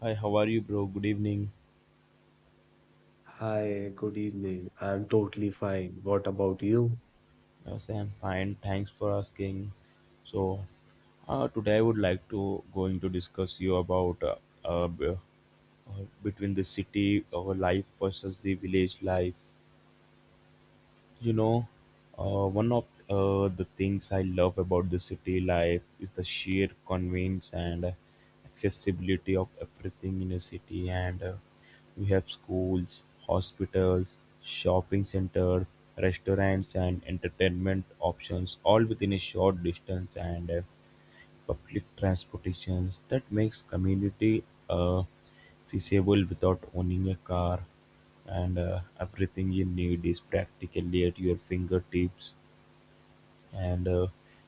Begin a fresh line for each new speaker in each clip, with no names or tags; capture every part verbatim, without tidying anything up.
Hi, how are you, bro? Good evening.
Hi, good evening. I'm totally fine. What about you?
Yes, I'm fine. Thanks for asking. So, uh, today I would like to going to discuss you about uh, uh, b- uh, between the city uh, life versus the village life. You know, uh, one of uh, the things I love about the city life is the sheer convenience and accessibility of everything in a city. And uh, We have schools, hospitals, shopping centers, restaurants, and entertainment options all within a short distance. And uh, Public transportation that makes community uh, feasible without owning a car, and uh, everything you need is practically at your fingertips, and uh,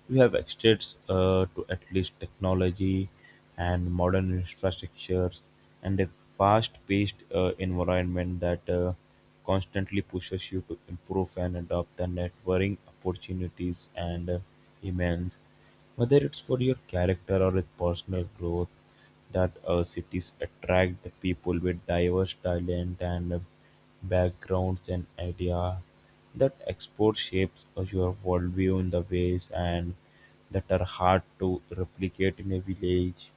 we have access uh, to at least technology and modern infrastructures and a fast-paced uh, environment that uh, constantly pushes you to improve and adopt the networking opportunities and uh, immense, whether it's for your character or with personal growth, that uh, cities attract the people with diverse talent and uh, backgrounds and idea that export shapes your worldview in the ways and that are hard to replicate in a village.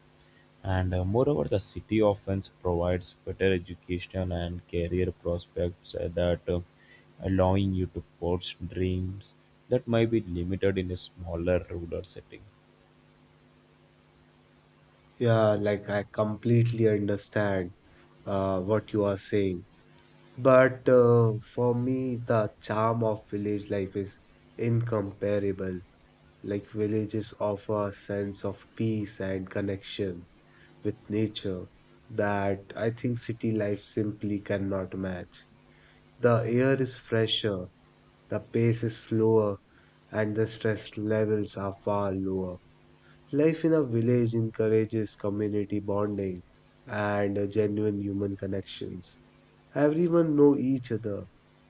And uh, Moreover, the city often provides better education and career prospects uh, that uh, allowing you to pursue dreams that might be limited in a smaller rural setting.
Yeah, like I completely understand uh, what you are saying. But uh, for me, the charm of village life is incomparable. Like villages offer a sense of peace and connection with nature that I think city life simply cannot match. The air is fresher, the pace is slower, and the stress levels are far lower. Life in a village encourages community bonding and uh, genuine human connections. Everyone know each other,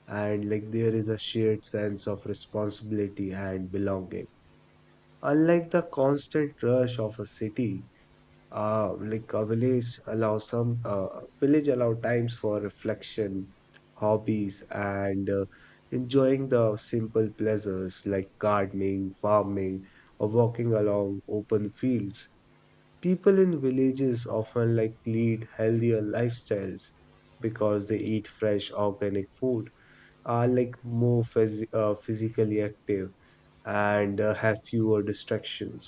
and like there is a shared sense of responsibility and belonging. Unlike the constant rush of a city, uh, like a village allow some uh, village allow times for reflection, hobbies, and uh, enjoying the simple pleasures like gardening, farming, or walking along open fields. People in villages often like lead healthier lifestyles because they eat fresh organic food, are like more phys- uh, physically active, and uh, have fewer distractions.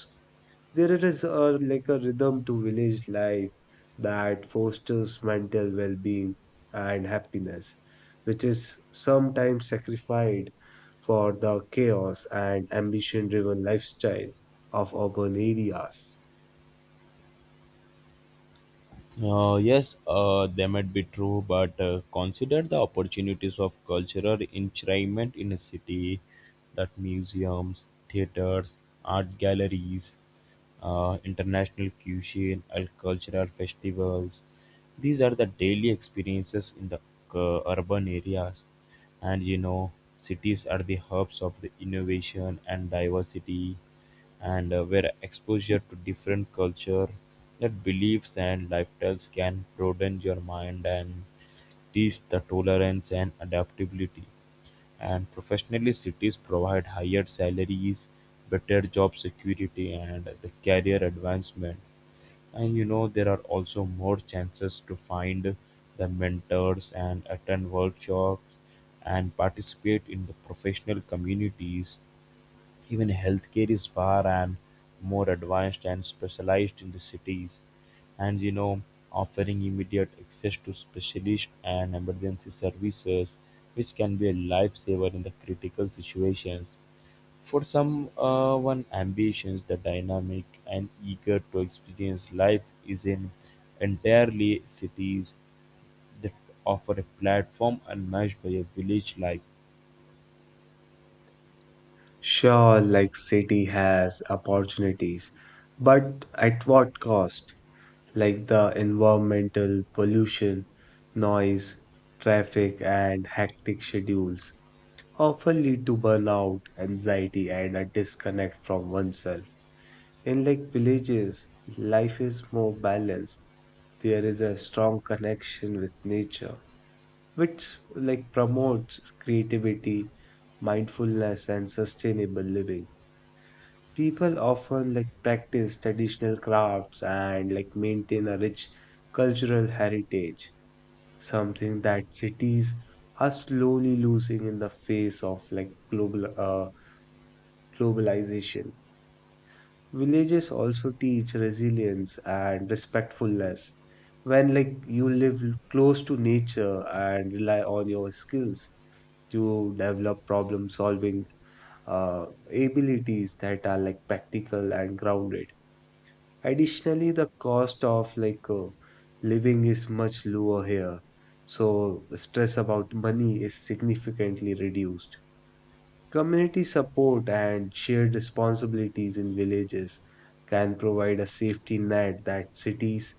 There is a, like a rhythm to village life that fosters mental well-being and happiness, which is sometimes sacrificed for the chaos and ambition-driven lifestyle of urban areas.
Uh, yes, uh, they might be true, but uh, consider the opportunities of cultural enrichment in a city, that museums, theaters, art galleries, uh, international cuisine, and cultural festivals. These are the daily experiences in the uh, urban areas. And you know, cities are the hubs of the innovation and diversity, and uh, where exposure to different culture, that beliefs and lifestyles can broaden your mind and teach the tolerance and adaptability. And professionally, cities provide higher salaries, better job security, and the career advancement. And you know, there are also more chances to find the mentors and attend workshops and participate in the professional communities. Even healthcare is far and more advanced and specialized in the cities, and you know, offering immediate access to specialist and emergency services, which can be a lifesaver in the critical situations. For some, uh, one ambitions, the dynamic and eager to experience life is in entirely cities that offer a platform unmatched by a village life.
Sure, like city has opportunities, but at what cost? Like the environmental pollution, noise, traffic, and hectic schedules often lead to burnout, anxiety, and a disconnect from oneself. In like villages, life is more balanced. There is a strong connection with nature, which like promotes creativity, mindfulness, and sustainable living. People often like practice traditional crafts and like maintain a rich cultural heritage, something that cities are slowly losing in the face of like global uh, globalization. Villages also teach resilience and respectfulness. When like you live close to nature and rely on your skills, you develop problem solving uh, abilities that are like practical and grounded. Additionally, the cost of like uh, living is much lower here, so stress about money is significantly reduced. Community support and shared responsibilities in villages can provide a safety net that cities,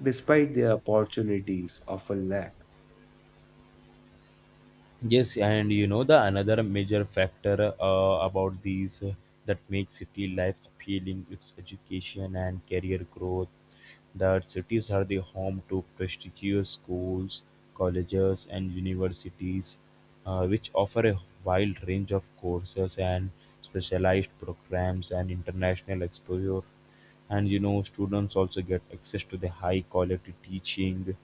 despite their opportunities, often lack.
Yes, and you know the another major factor uh, about these uh, that makes city life appealing, it's education and career growth. That cities are the home to prestigious schools, colleges, and universities, uh, which offer a wide range of courses and specialized programs and international exposure. And you know, students also get access to the high quality teaching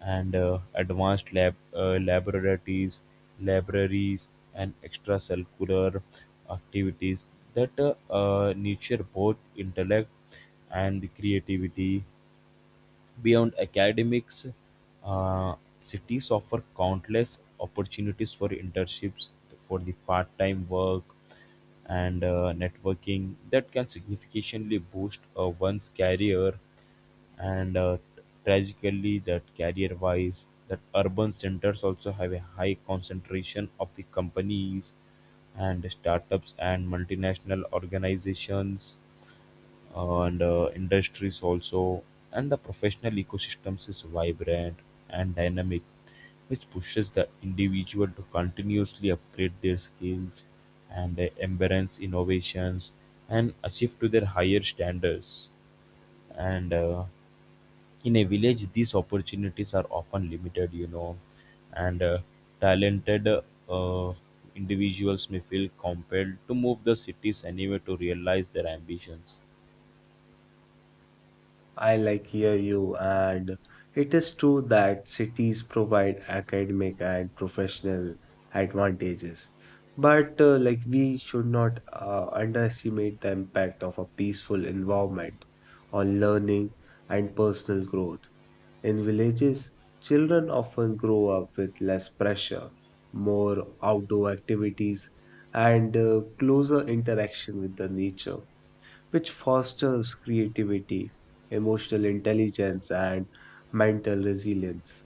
and uh, advanced lab uh, laboratories, libraries, and extracurricular activities that uh, uh, nurture both intellect and creativity. Beyond academics, uh, cities offer countless opportunities for internships, for the part-time work, and uh, networking that can significantly boost uh, one's career, and uh, tragically that career wise, that urban centers also have a high concentration of the companies and startups and multinational organizations, uh, and uh, industries also, and the professional ecosystems is vibrant and dynamic, which pushes the individual to continuously upgrade their skills and uh, embrace innovations and achieve to their higher standards. And uh, In a village these opportunities are often limited, you know, and uh, talented uh, individuals may feel compelled to move the cities anyway to realize their ambitions.
I like hear you, and it is true that cities provide academic and professional advantages. But uh, like we should not uh, underestimate the impact of a peaceful environment on learning and personal growth. In villages, children often grow up with less pressure, more outdoor activities, and uh, closer interaction with the nature, which fosters creativity, emotional intelligence, and mental resilience.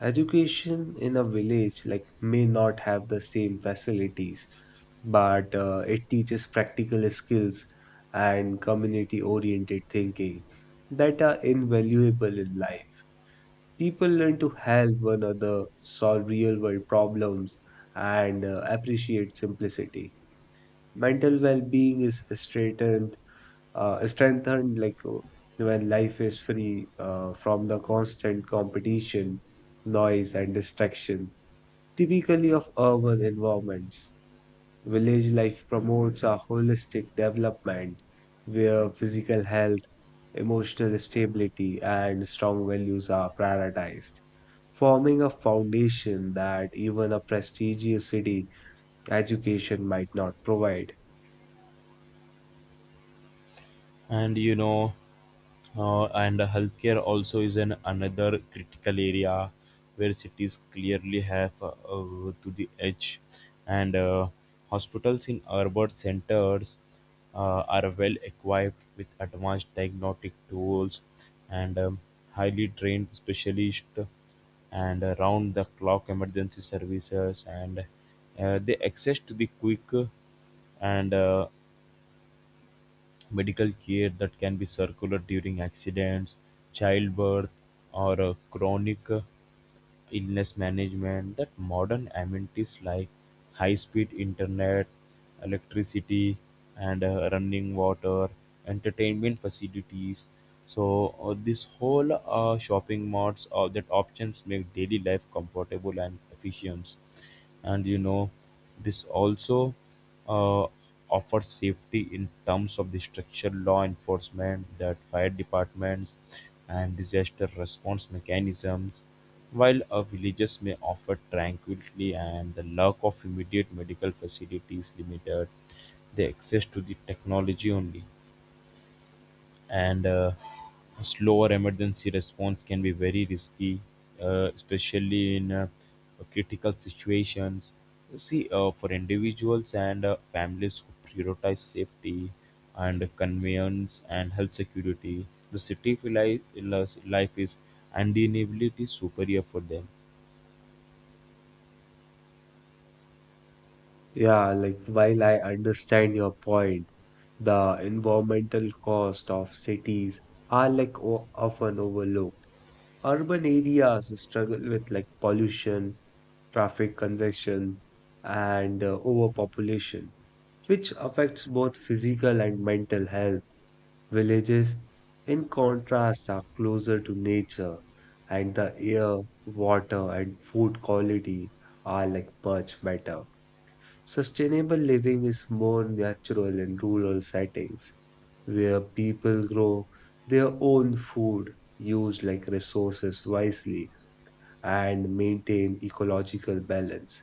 Education in a village like may not have the same facilities, but uh, it teaches practical skills and community-oriented thinking that are invaluable in life. People learn to help one another, solve real-world problems, and uh, appreciate simplicity. Mental well-being is strengthened uh, strengthened like uh, when life is free uh, from the constant competition, noise, and distraction, typically of urban environments. Village life promotes a holistic development where physical health, emotional stability, and strong values are prioritized, forming a foundation that even a prestigious city education might not provide.
And you know, uh, and healthcare also is an another critical area where cities clearly have uh, uh, to the edge, and uh, hospitals in urban centers uh, are well equipped with advanced diagnostic tools and um, highly trained specialists and round the clock emergency services, and uh, the access to the quick and uh, medical care that can be circular during accidents, childbirth, or uh, chronic uh, illness management, that modern amenities like high speed internet, electricity, and uh, running water, entertainment facilities. So, uh, this whole uh, shopping malls uh, that options make daily life comfortable and efficient. And you know, this also uh, offers safety in terms of the structured law enforcement, that fire departments and disaster response mechanisms, while uh, villages may offer tranquility, and the lack of immediate medical facilities limited the access to the technology only, and uh, a slower emergency response can be very risky, uh, especially in uh, critical situations. You see, uh, for individuals and uh, families who prioritize safety and convenience and health security, the city life life is undeniably superior for them.
Yeah, like while I understand your point, the environmental cost of cities are like o often overlooked. Urban areas struggle with like pollution, traffic congestion, and uh, overpopulation, which affects both physical and mental health. Villages, in contrast, are closer to nature, and the air, water, and food quality are like much better. Sustainable living is more natural in rural settings where people grow their own food, use like resources wisely, and maintain ecological balance.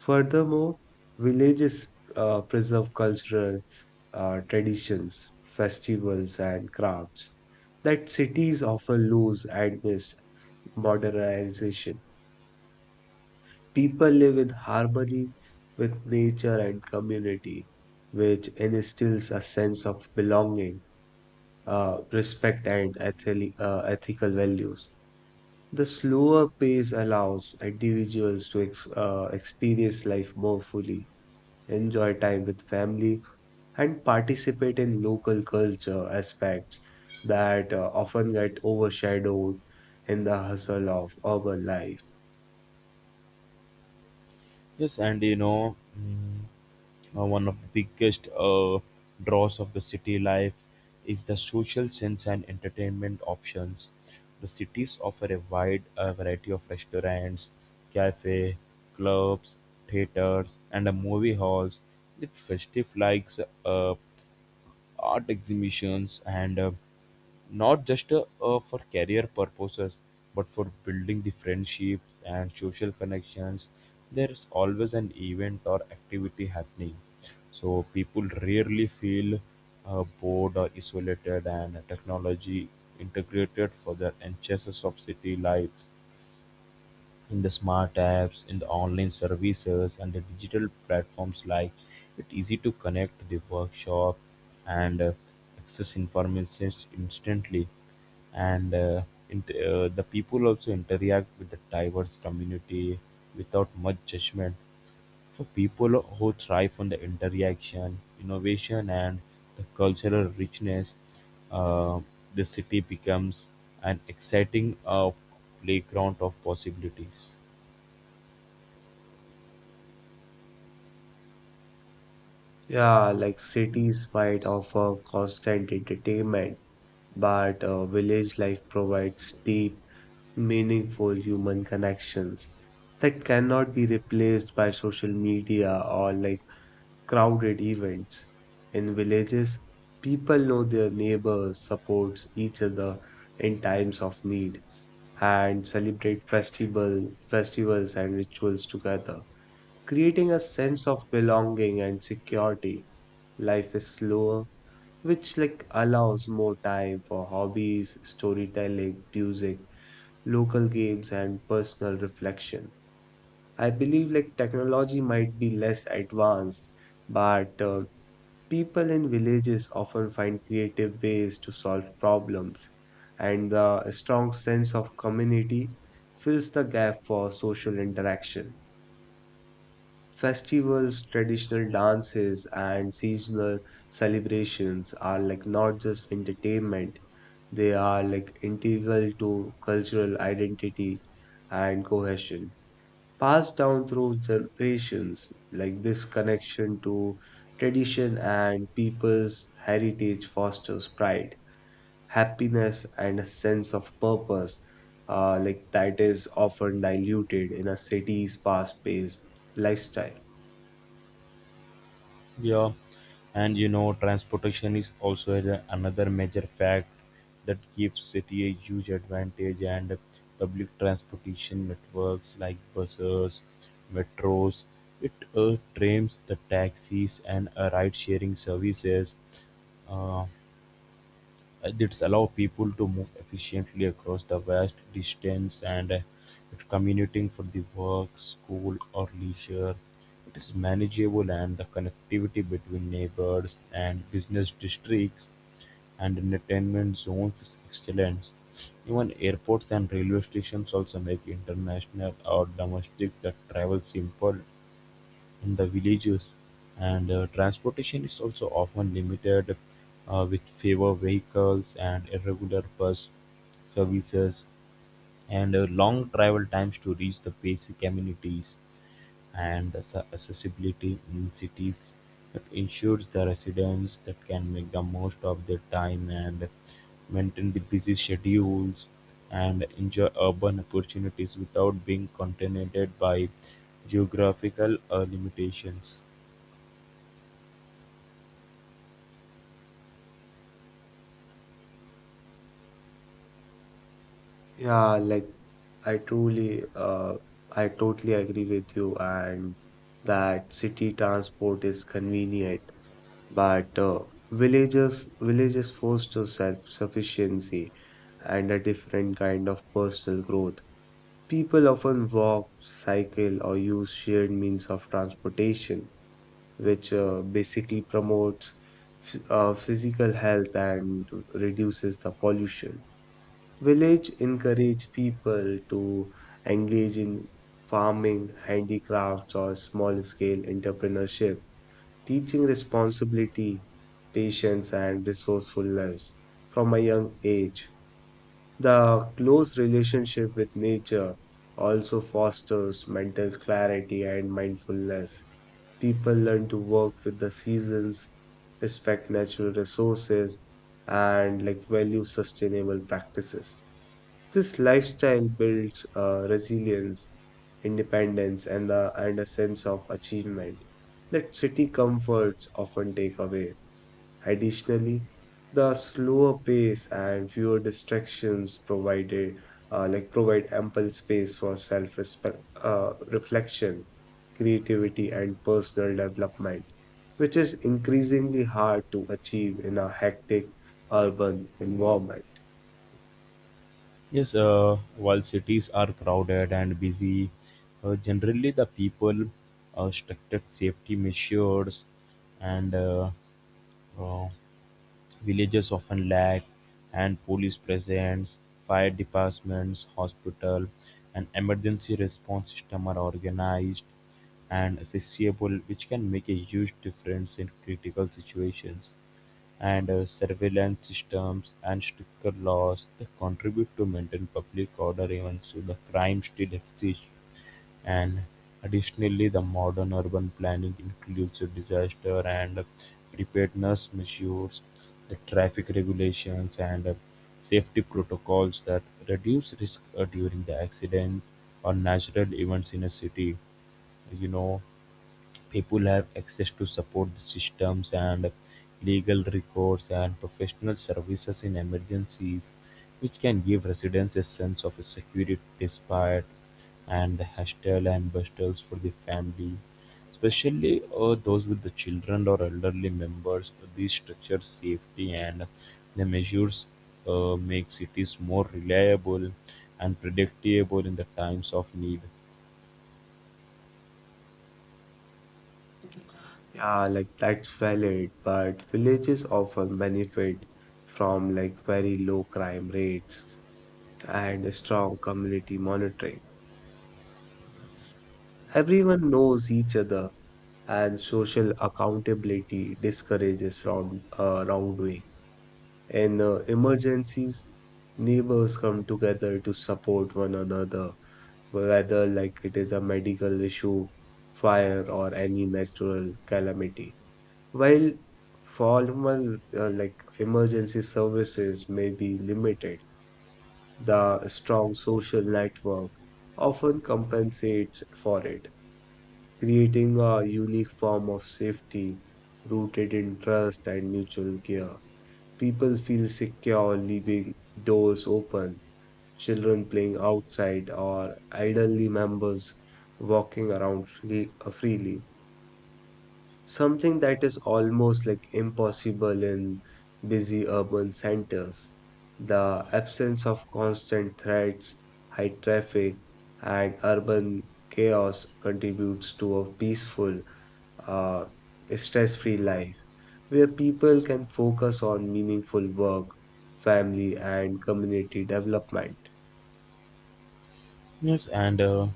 Furthermore, villages uh, preserve cultural uh, traditions, festivals, and crafts that cities often lose amidst modernization. People live in harmony with nature and community, which instills a sense of belonging, uh, respect, and ethically, uh, ethical values. The slower pace allows individuals to ex- uh, experience life more fully, enjoy time with family, and participate in local culture aspects that uh, often get overshadowed in the hustle of urban life.
Yes, and you know. Mm, Uh, one of the biggest uh, draws of the city life is the social sense and entertainment options. The cities offer a wide uh, variety of restaurants, cafe, clubs, theaters, and uh, movie halls with festive likes, uh, art exhibitions, and uh, not just uh, uh, for career purposes, but for building the friendships and social connections. There is always an event or activity happening, so people rarely feel uh, bored or isolated. And technology integrated for the enchantments of city life, in the smart apps, in the online services, and the digital platforms, like it easy to connect to the workshop and uh, access information instantly. And uh, int uh, The people also interact with the diverse community without much judgment. For people who thrive on the interaction, innovation, and the cultural richness, uh, the city becomes an exciting uh, playground of possibilities.
Yeah, like cities might offer constant entertainment, but uh, village life provides deep, meaningful human connections that cannot be replaced by social media or like crowded events. In villages, people know their neighbors, supports each other in times of need, and celebrate festival, festivals and rituals together, creating a sense of belonging and security. Life is slower, which like allows more time for hobbies, storytelling, music, local games, and personal reflection. I believe like technology might be less advanced, but uh, people in villages often find creative ways to solve problems, and the strong sense of community fills the gap for social interaction. Festivals, traditional dances, and seasonal celebrations are like not just entertainment, they are like integral to cultural identity and cohesion. Passed down through generations, like this connection to tradition and people's heritage fosters pride, happiness, and a sense of purpose, uh, like that is often diluted in a city's fast paced lifestyle.
Yeah, and you know, transportation is also a- another major fact that gives city a huge advantage. And public transportation networks like buses, metros, it uh, trains, the taxis, and uh, ride-sharing services. Uh, this allows people to move efficiently across the vast distance, and uh, it commuting for the work, school, or leisure. It is manageable, and the connectivity between neighbors and business districts and entertainment zones is excellent. Even airports and railway stations also make international or domestic the travel simple. In the villages, and uh, transportation is also often limited, uh, with fewer vehicles and irregular bus services, and uh, long travel times to reach the basic amenities. And the sa- accessibility in cities, that ensures the residents that can make the most of their time and maintain the busy schedules and enjoy urban opportunities without being contaminated by geographical uh, limitations.
Yeah, like I truly, uh, I totally agree with you, and that city transport is convenient, but uh, villages villages foster self-sufficiency and a different kind of personal growth. People often walk, cycle, or use shared means of transportation, which uh, basically promotes ph- uh, physical health and reduces the pollution. Village encourage people to engage in farming, handicrafts, or small scale entrepreneurship, teaching responsibility, patience, and resourcefulness from a young age. The close relationship with nature also fosters mental clarity and mindfulness. People learn to work with the seasons, respect natural resources, and like value sustainable practices. This lifestyle builds uh, resilience, independence, and, the, and a sense of achievement that city comforts often take away. Additionally, the slower pace and fewer distractions provided, uh, like provide ample space for self-respect, uh, reflection, creativity, and personal development, which is increasingly hard to achieve in a hectic urban environment.
Yes, uh, while cities are crowded and busy, uh, generally the people uh, structured safety measures, and uh, uh, villages often lack, and police presence, fire departments, hospital, and emergency response system are organized and accessible, which can make a huge difference in critical situations. And uh, Surveillance systems and stricter laws that contribute to maintain public order, even though the crime still exists. And additionally, the modern urban planning includes disaster and preparedness measures, the traffic regulations, and uh, safety protocols that reduce risk uh, during the accident or natural events in a city. You know, people have access to support systems and legal records and professional services in emergencies, which can give residents a sense of security despite and hostile and bustles for the family, especially uh, those with the children or elderly members. These structures safety and the measures uh, make cities more reliable and predictable in the times of need.
Yeah, like that's valid, but villages often benefit from like very low crime rates and strong community monitoring. Everyone knows each other, and social accountability discourages wrong uh, wrongdoing. In uh, emergencies, neighbors come together to support one another, whether like it is a medical issue, fire, or any natural calamity. While formal uh, like emergency services may be limited, the strong social network often compensates for it, creating a unique form of safety rooted in trust and mutual care. People feel secure leaving doors open, children playing outside, or elderly members walking around free- uh, freely. Something that is almost like impossible in busy urban centers. The absence of constant threats, high traffic, and urban chaos contributes to a peaceful, uh, stress-free life where people can focus on meaningful work, family, and community development.
Yes, and uh,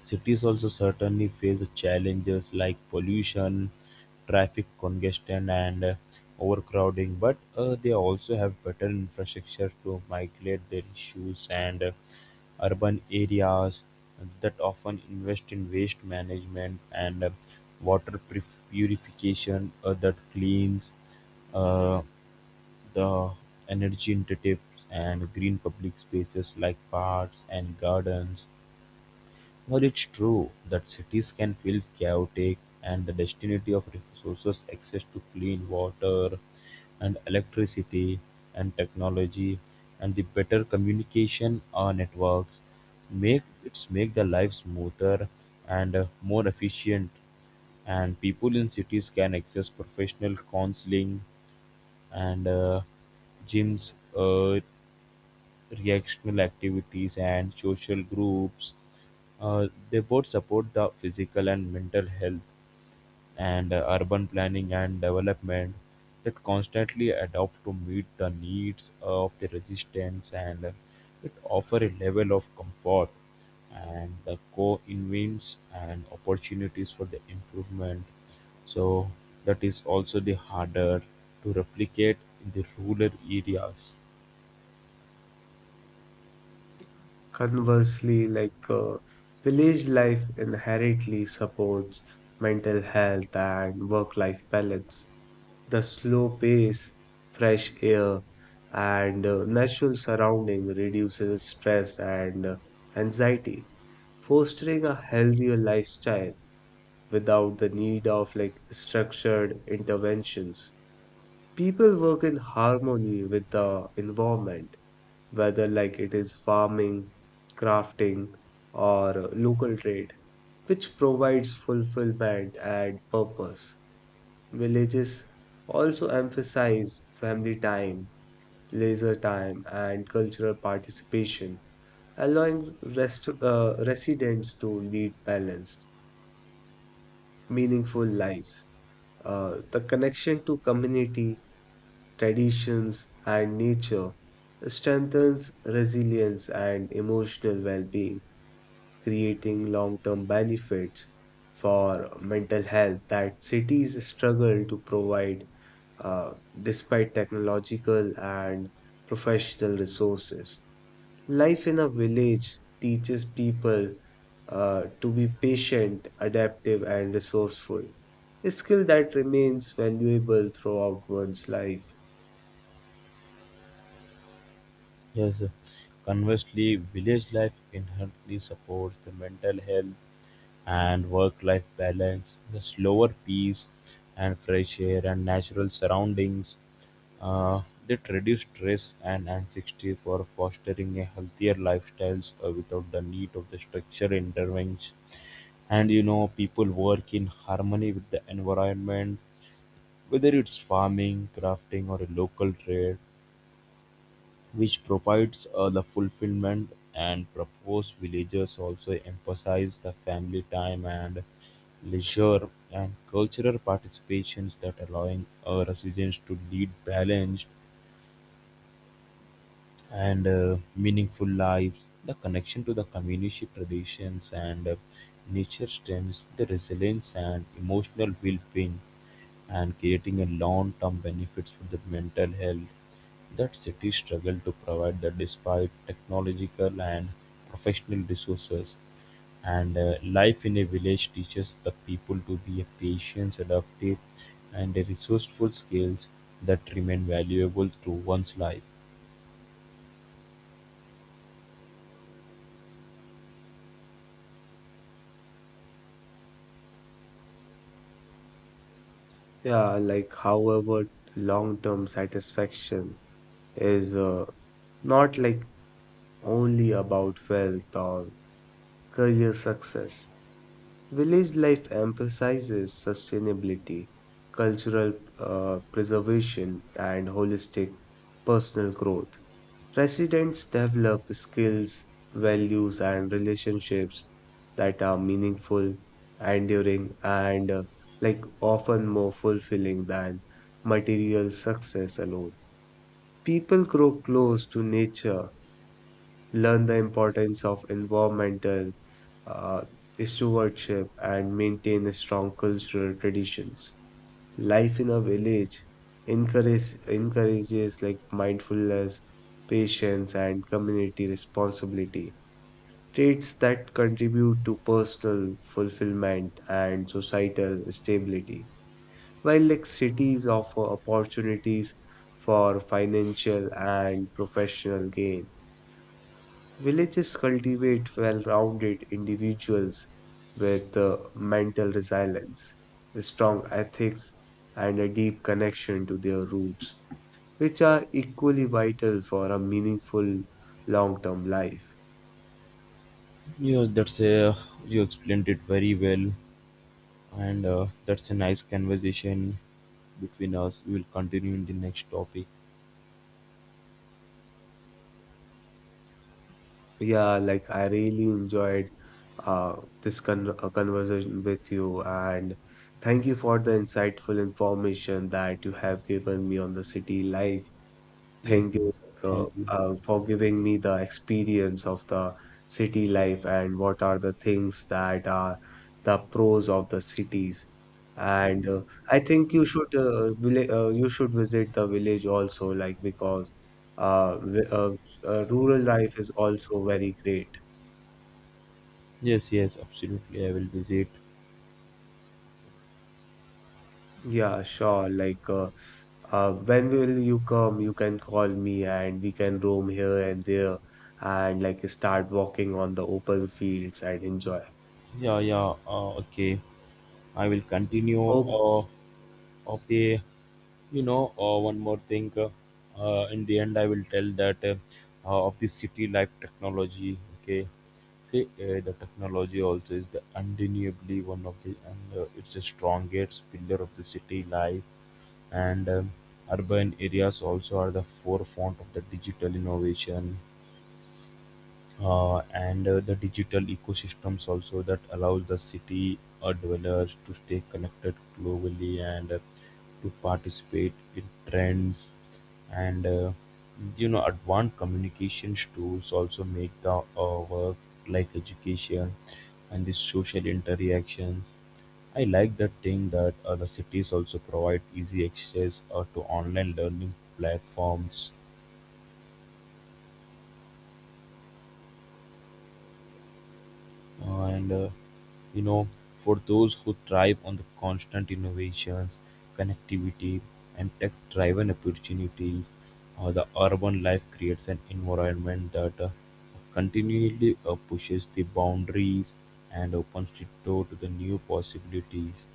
cities also certainly face challenges like pollution, traffic congestion, and uh, overcrowding. But uh, they also have better infrastructure to migrate their issues, and uh, urban areas that often invest in waste management and uh, water purif- purification uh, that cleans uh, the energy intensive and green public spaces like parks and gardens. While it's true that cities can feel chaotic, and the density of resources, access to clean water and electricity and technology and the better communication uh, networks make it's make the life smoother and uh, more efficient. And people in cities can access professional counseling and uh, gyms, uh, recreational activities, and social groups. Uh, they both support the physical and mental health, and uh, urban planning and development that constantly adapt to meet the needs of the resistance, and uh, it offer a level of comfort and the co-invents and opportunities for the improvement, so that is also the harder to replicate in the rural areas.
Conversely, like uh, village life inherently supports mental health and work life balance. The slow pace, fresh air, and uh, natural surrounding reduces stress and uh, anxiety, fostering a healthier lifestyle without the need of like structured interventions. People work in harmony with the environment, whether like it is farming, crafting, or local trade, which provides fulfillment and purpose. Villages also emphasize family time, leisure time, and cultural participation, allowing rest, uh, residents to lead balanced, meaningful lives. Uh, the connection to community, traditions, and nature strengthens resilience and emotional well being, creating long term benefits for mental health that cities struggle to provide uh, despite technological and professional resources. Life in a village teaches people uh, to be patient, adaptive, and resourceful, a skill that remains valuable throughout one's life.
Yes. Conversely, village life inherently supports the mental health and work life balance, the slower pace and fresh air and natural surroundings. Uh, that reduce stress and anxiety for fostering a healthier lifestyles uh, without the need of the structure intervention. And you know, people work in harmony with the environment, whether it's farming, crafting, or a local trade, which provides uh, the fulfillment and proposed. Villages also emphasize the family time and leisure and cultural participations, that allowing uh, residents to lead balanced and uh, meaningful lives. The connection to the community traditions and uh, nature strengthens the resilience and emotional well-being, and creating a long-term benefits for the mental health, that cities struggle to provide that despite technological and professional resources. And uh, Life in a village teaches the people to be a patient adaptive and a resourceful skills that remain valuable through one's life.
Yeah, like, however, long term satisfaction is uh, not like only about wealth or career success. Village life emphasizes sustainability, cultural uh, preservation, and holistic personal growth. Residents develop skills, values, and relationships that are meaningful, enduring, and uh, like often more fulfilling than material success alone. People grow close to nature, learn the importance of environmental uh, stewardship, and maintain strong cultural traditions. Life in a village encourage, encourages like mindfulness, patience, and community responsibility. Traits that contribute to personal fulfillment and societal stability. While like cities offer opportunities for financial and professional gain, villages cultivate well rounded individuals with uh, mental resilience, strong ethics, and a deep connection to their roots, which are equally vital for a meaningful long term life.
You, that's a, you explained it very well, and uh, that's a nice conversation between us. We will continue in the next topic.
Yeah, like I really enjoyed uh, this con- uh, conversation with you, and thank you for the insightful information that you have given me on the city life.
Yes,
Thank you,
yes,
like, uh,
thank you.
uh, for giving me the experience of the city life and what are the things that are the pros of the cities. And uh, I think you should uh, villa- uh, you should visit the village also, like because uh, vi- uh, uh, rural life is also very great.
Yes, yes, absolutely. I will visit.
Yeah, sure. Like, uh, uh, when will you come? You can call me and we can roam here and there and like start walking on the open fields and enjoy.
Yeah, yeah. Uh, okay. I will continue.
Oh,
Uh, of the, you know, uh, one more thing. Uh, uh, in the end, I will tell that uh, uh, of the city life technology. Okay. See, uh, the technology also is the undeniably one of the, and uh, it's the strongest pillar of the city life. And um, urban areas also are the forefront of the digital innovation, uh, and uh, the digital ecosystems also that allows the city uh, dwellers to stay connected globally, and uh, to participate in trends, and uh, you know, advanced communications tools also make the uh, work, like education and the social interactions. I like that thing that uh, the cities also provide easy access uh, to online learning platforms, and uh, you know, for those who thrive on the constant innovations, connectivity, and tech driven opportunities, uh, the urban life creates an environment that uh, continually uh, pushes the boundaries and opens the door to the new possibilities.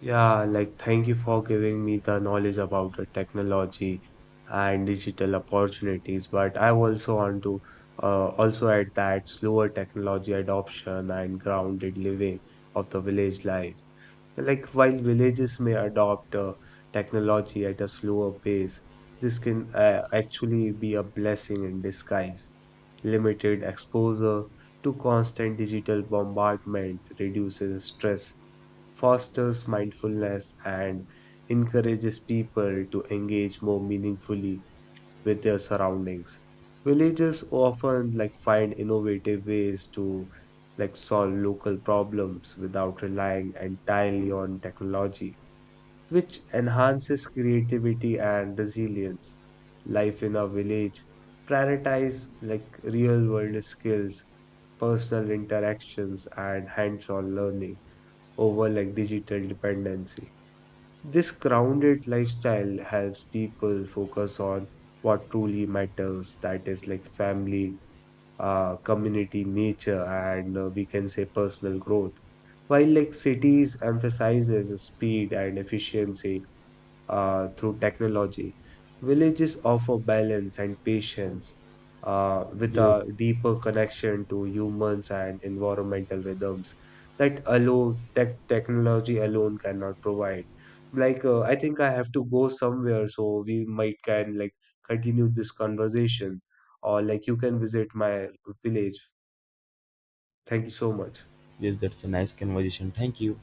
yeah, like thank you for giving me the knowledge about the technology and digital opportunities. But I also want to uh, also add that slower technology adoption and grounded living of the village life. Like while villages may adopt uh, technology at a slower pace, this can uh, actually be a blessing in disguise. Limited exposure to constant digital bombardment reduces stress, fosters mindfulness, and encourages people to engage more meaningfully with their surroundings. Villages often like find innovative ways to like solve local problems without relying entirely on technology, which enhances creativity and resilience. Life in a village prioritize like real world skills, personal interactions, and hands-on learning over like digital dependency. This grounded lifestyle helps people focus on what truly matters, that is, like family, uh, community, nature, and uh, we can say personal growth. While like cities emphasizes speed and efficiency, uh, through technology. Villages offer balance and patience uh, with
Yes,
a deeper connection to humans and environmental rhythms that alone tech technology alone cannot provide. Like uh, I think I have to go somewhere, so we might can like continue this conversation, or like you can visit my village. Thank you so much.
yes, that's a nice conversation. Thank you.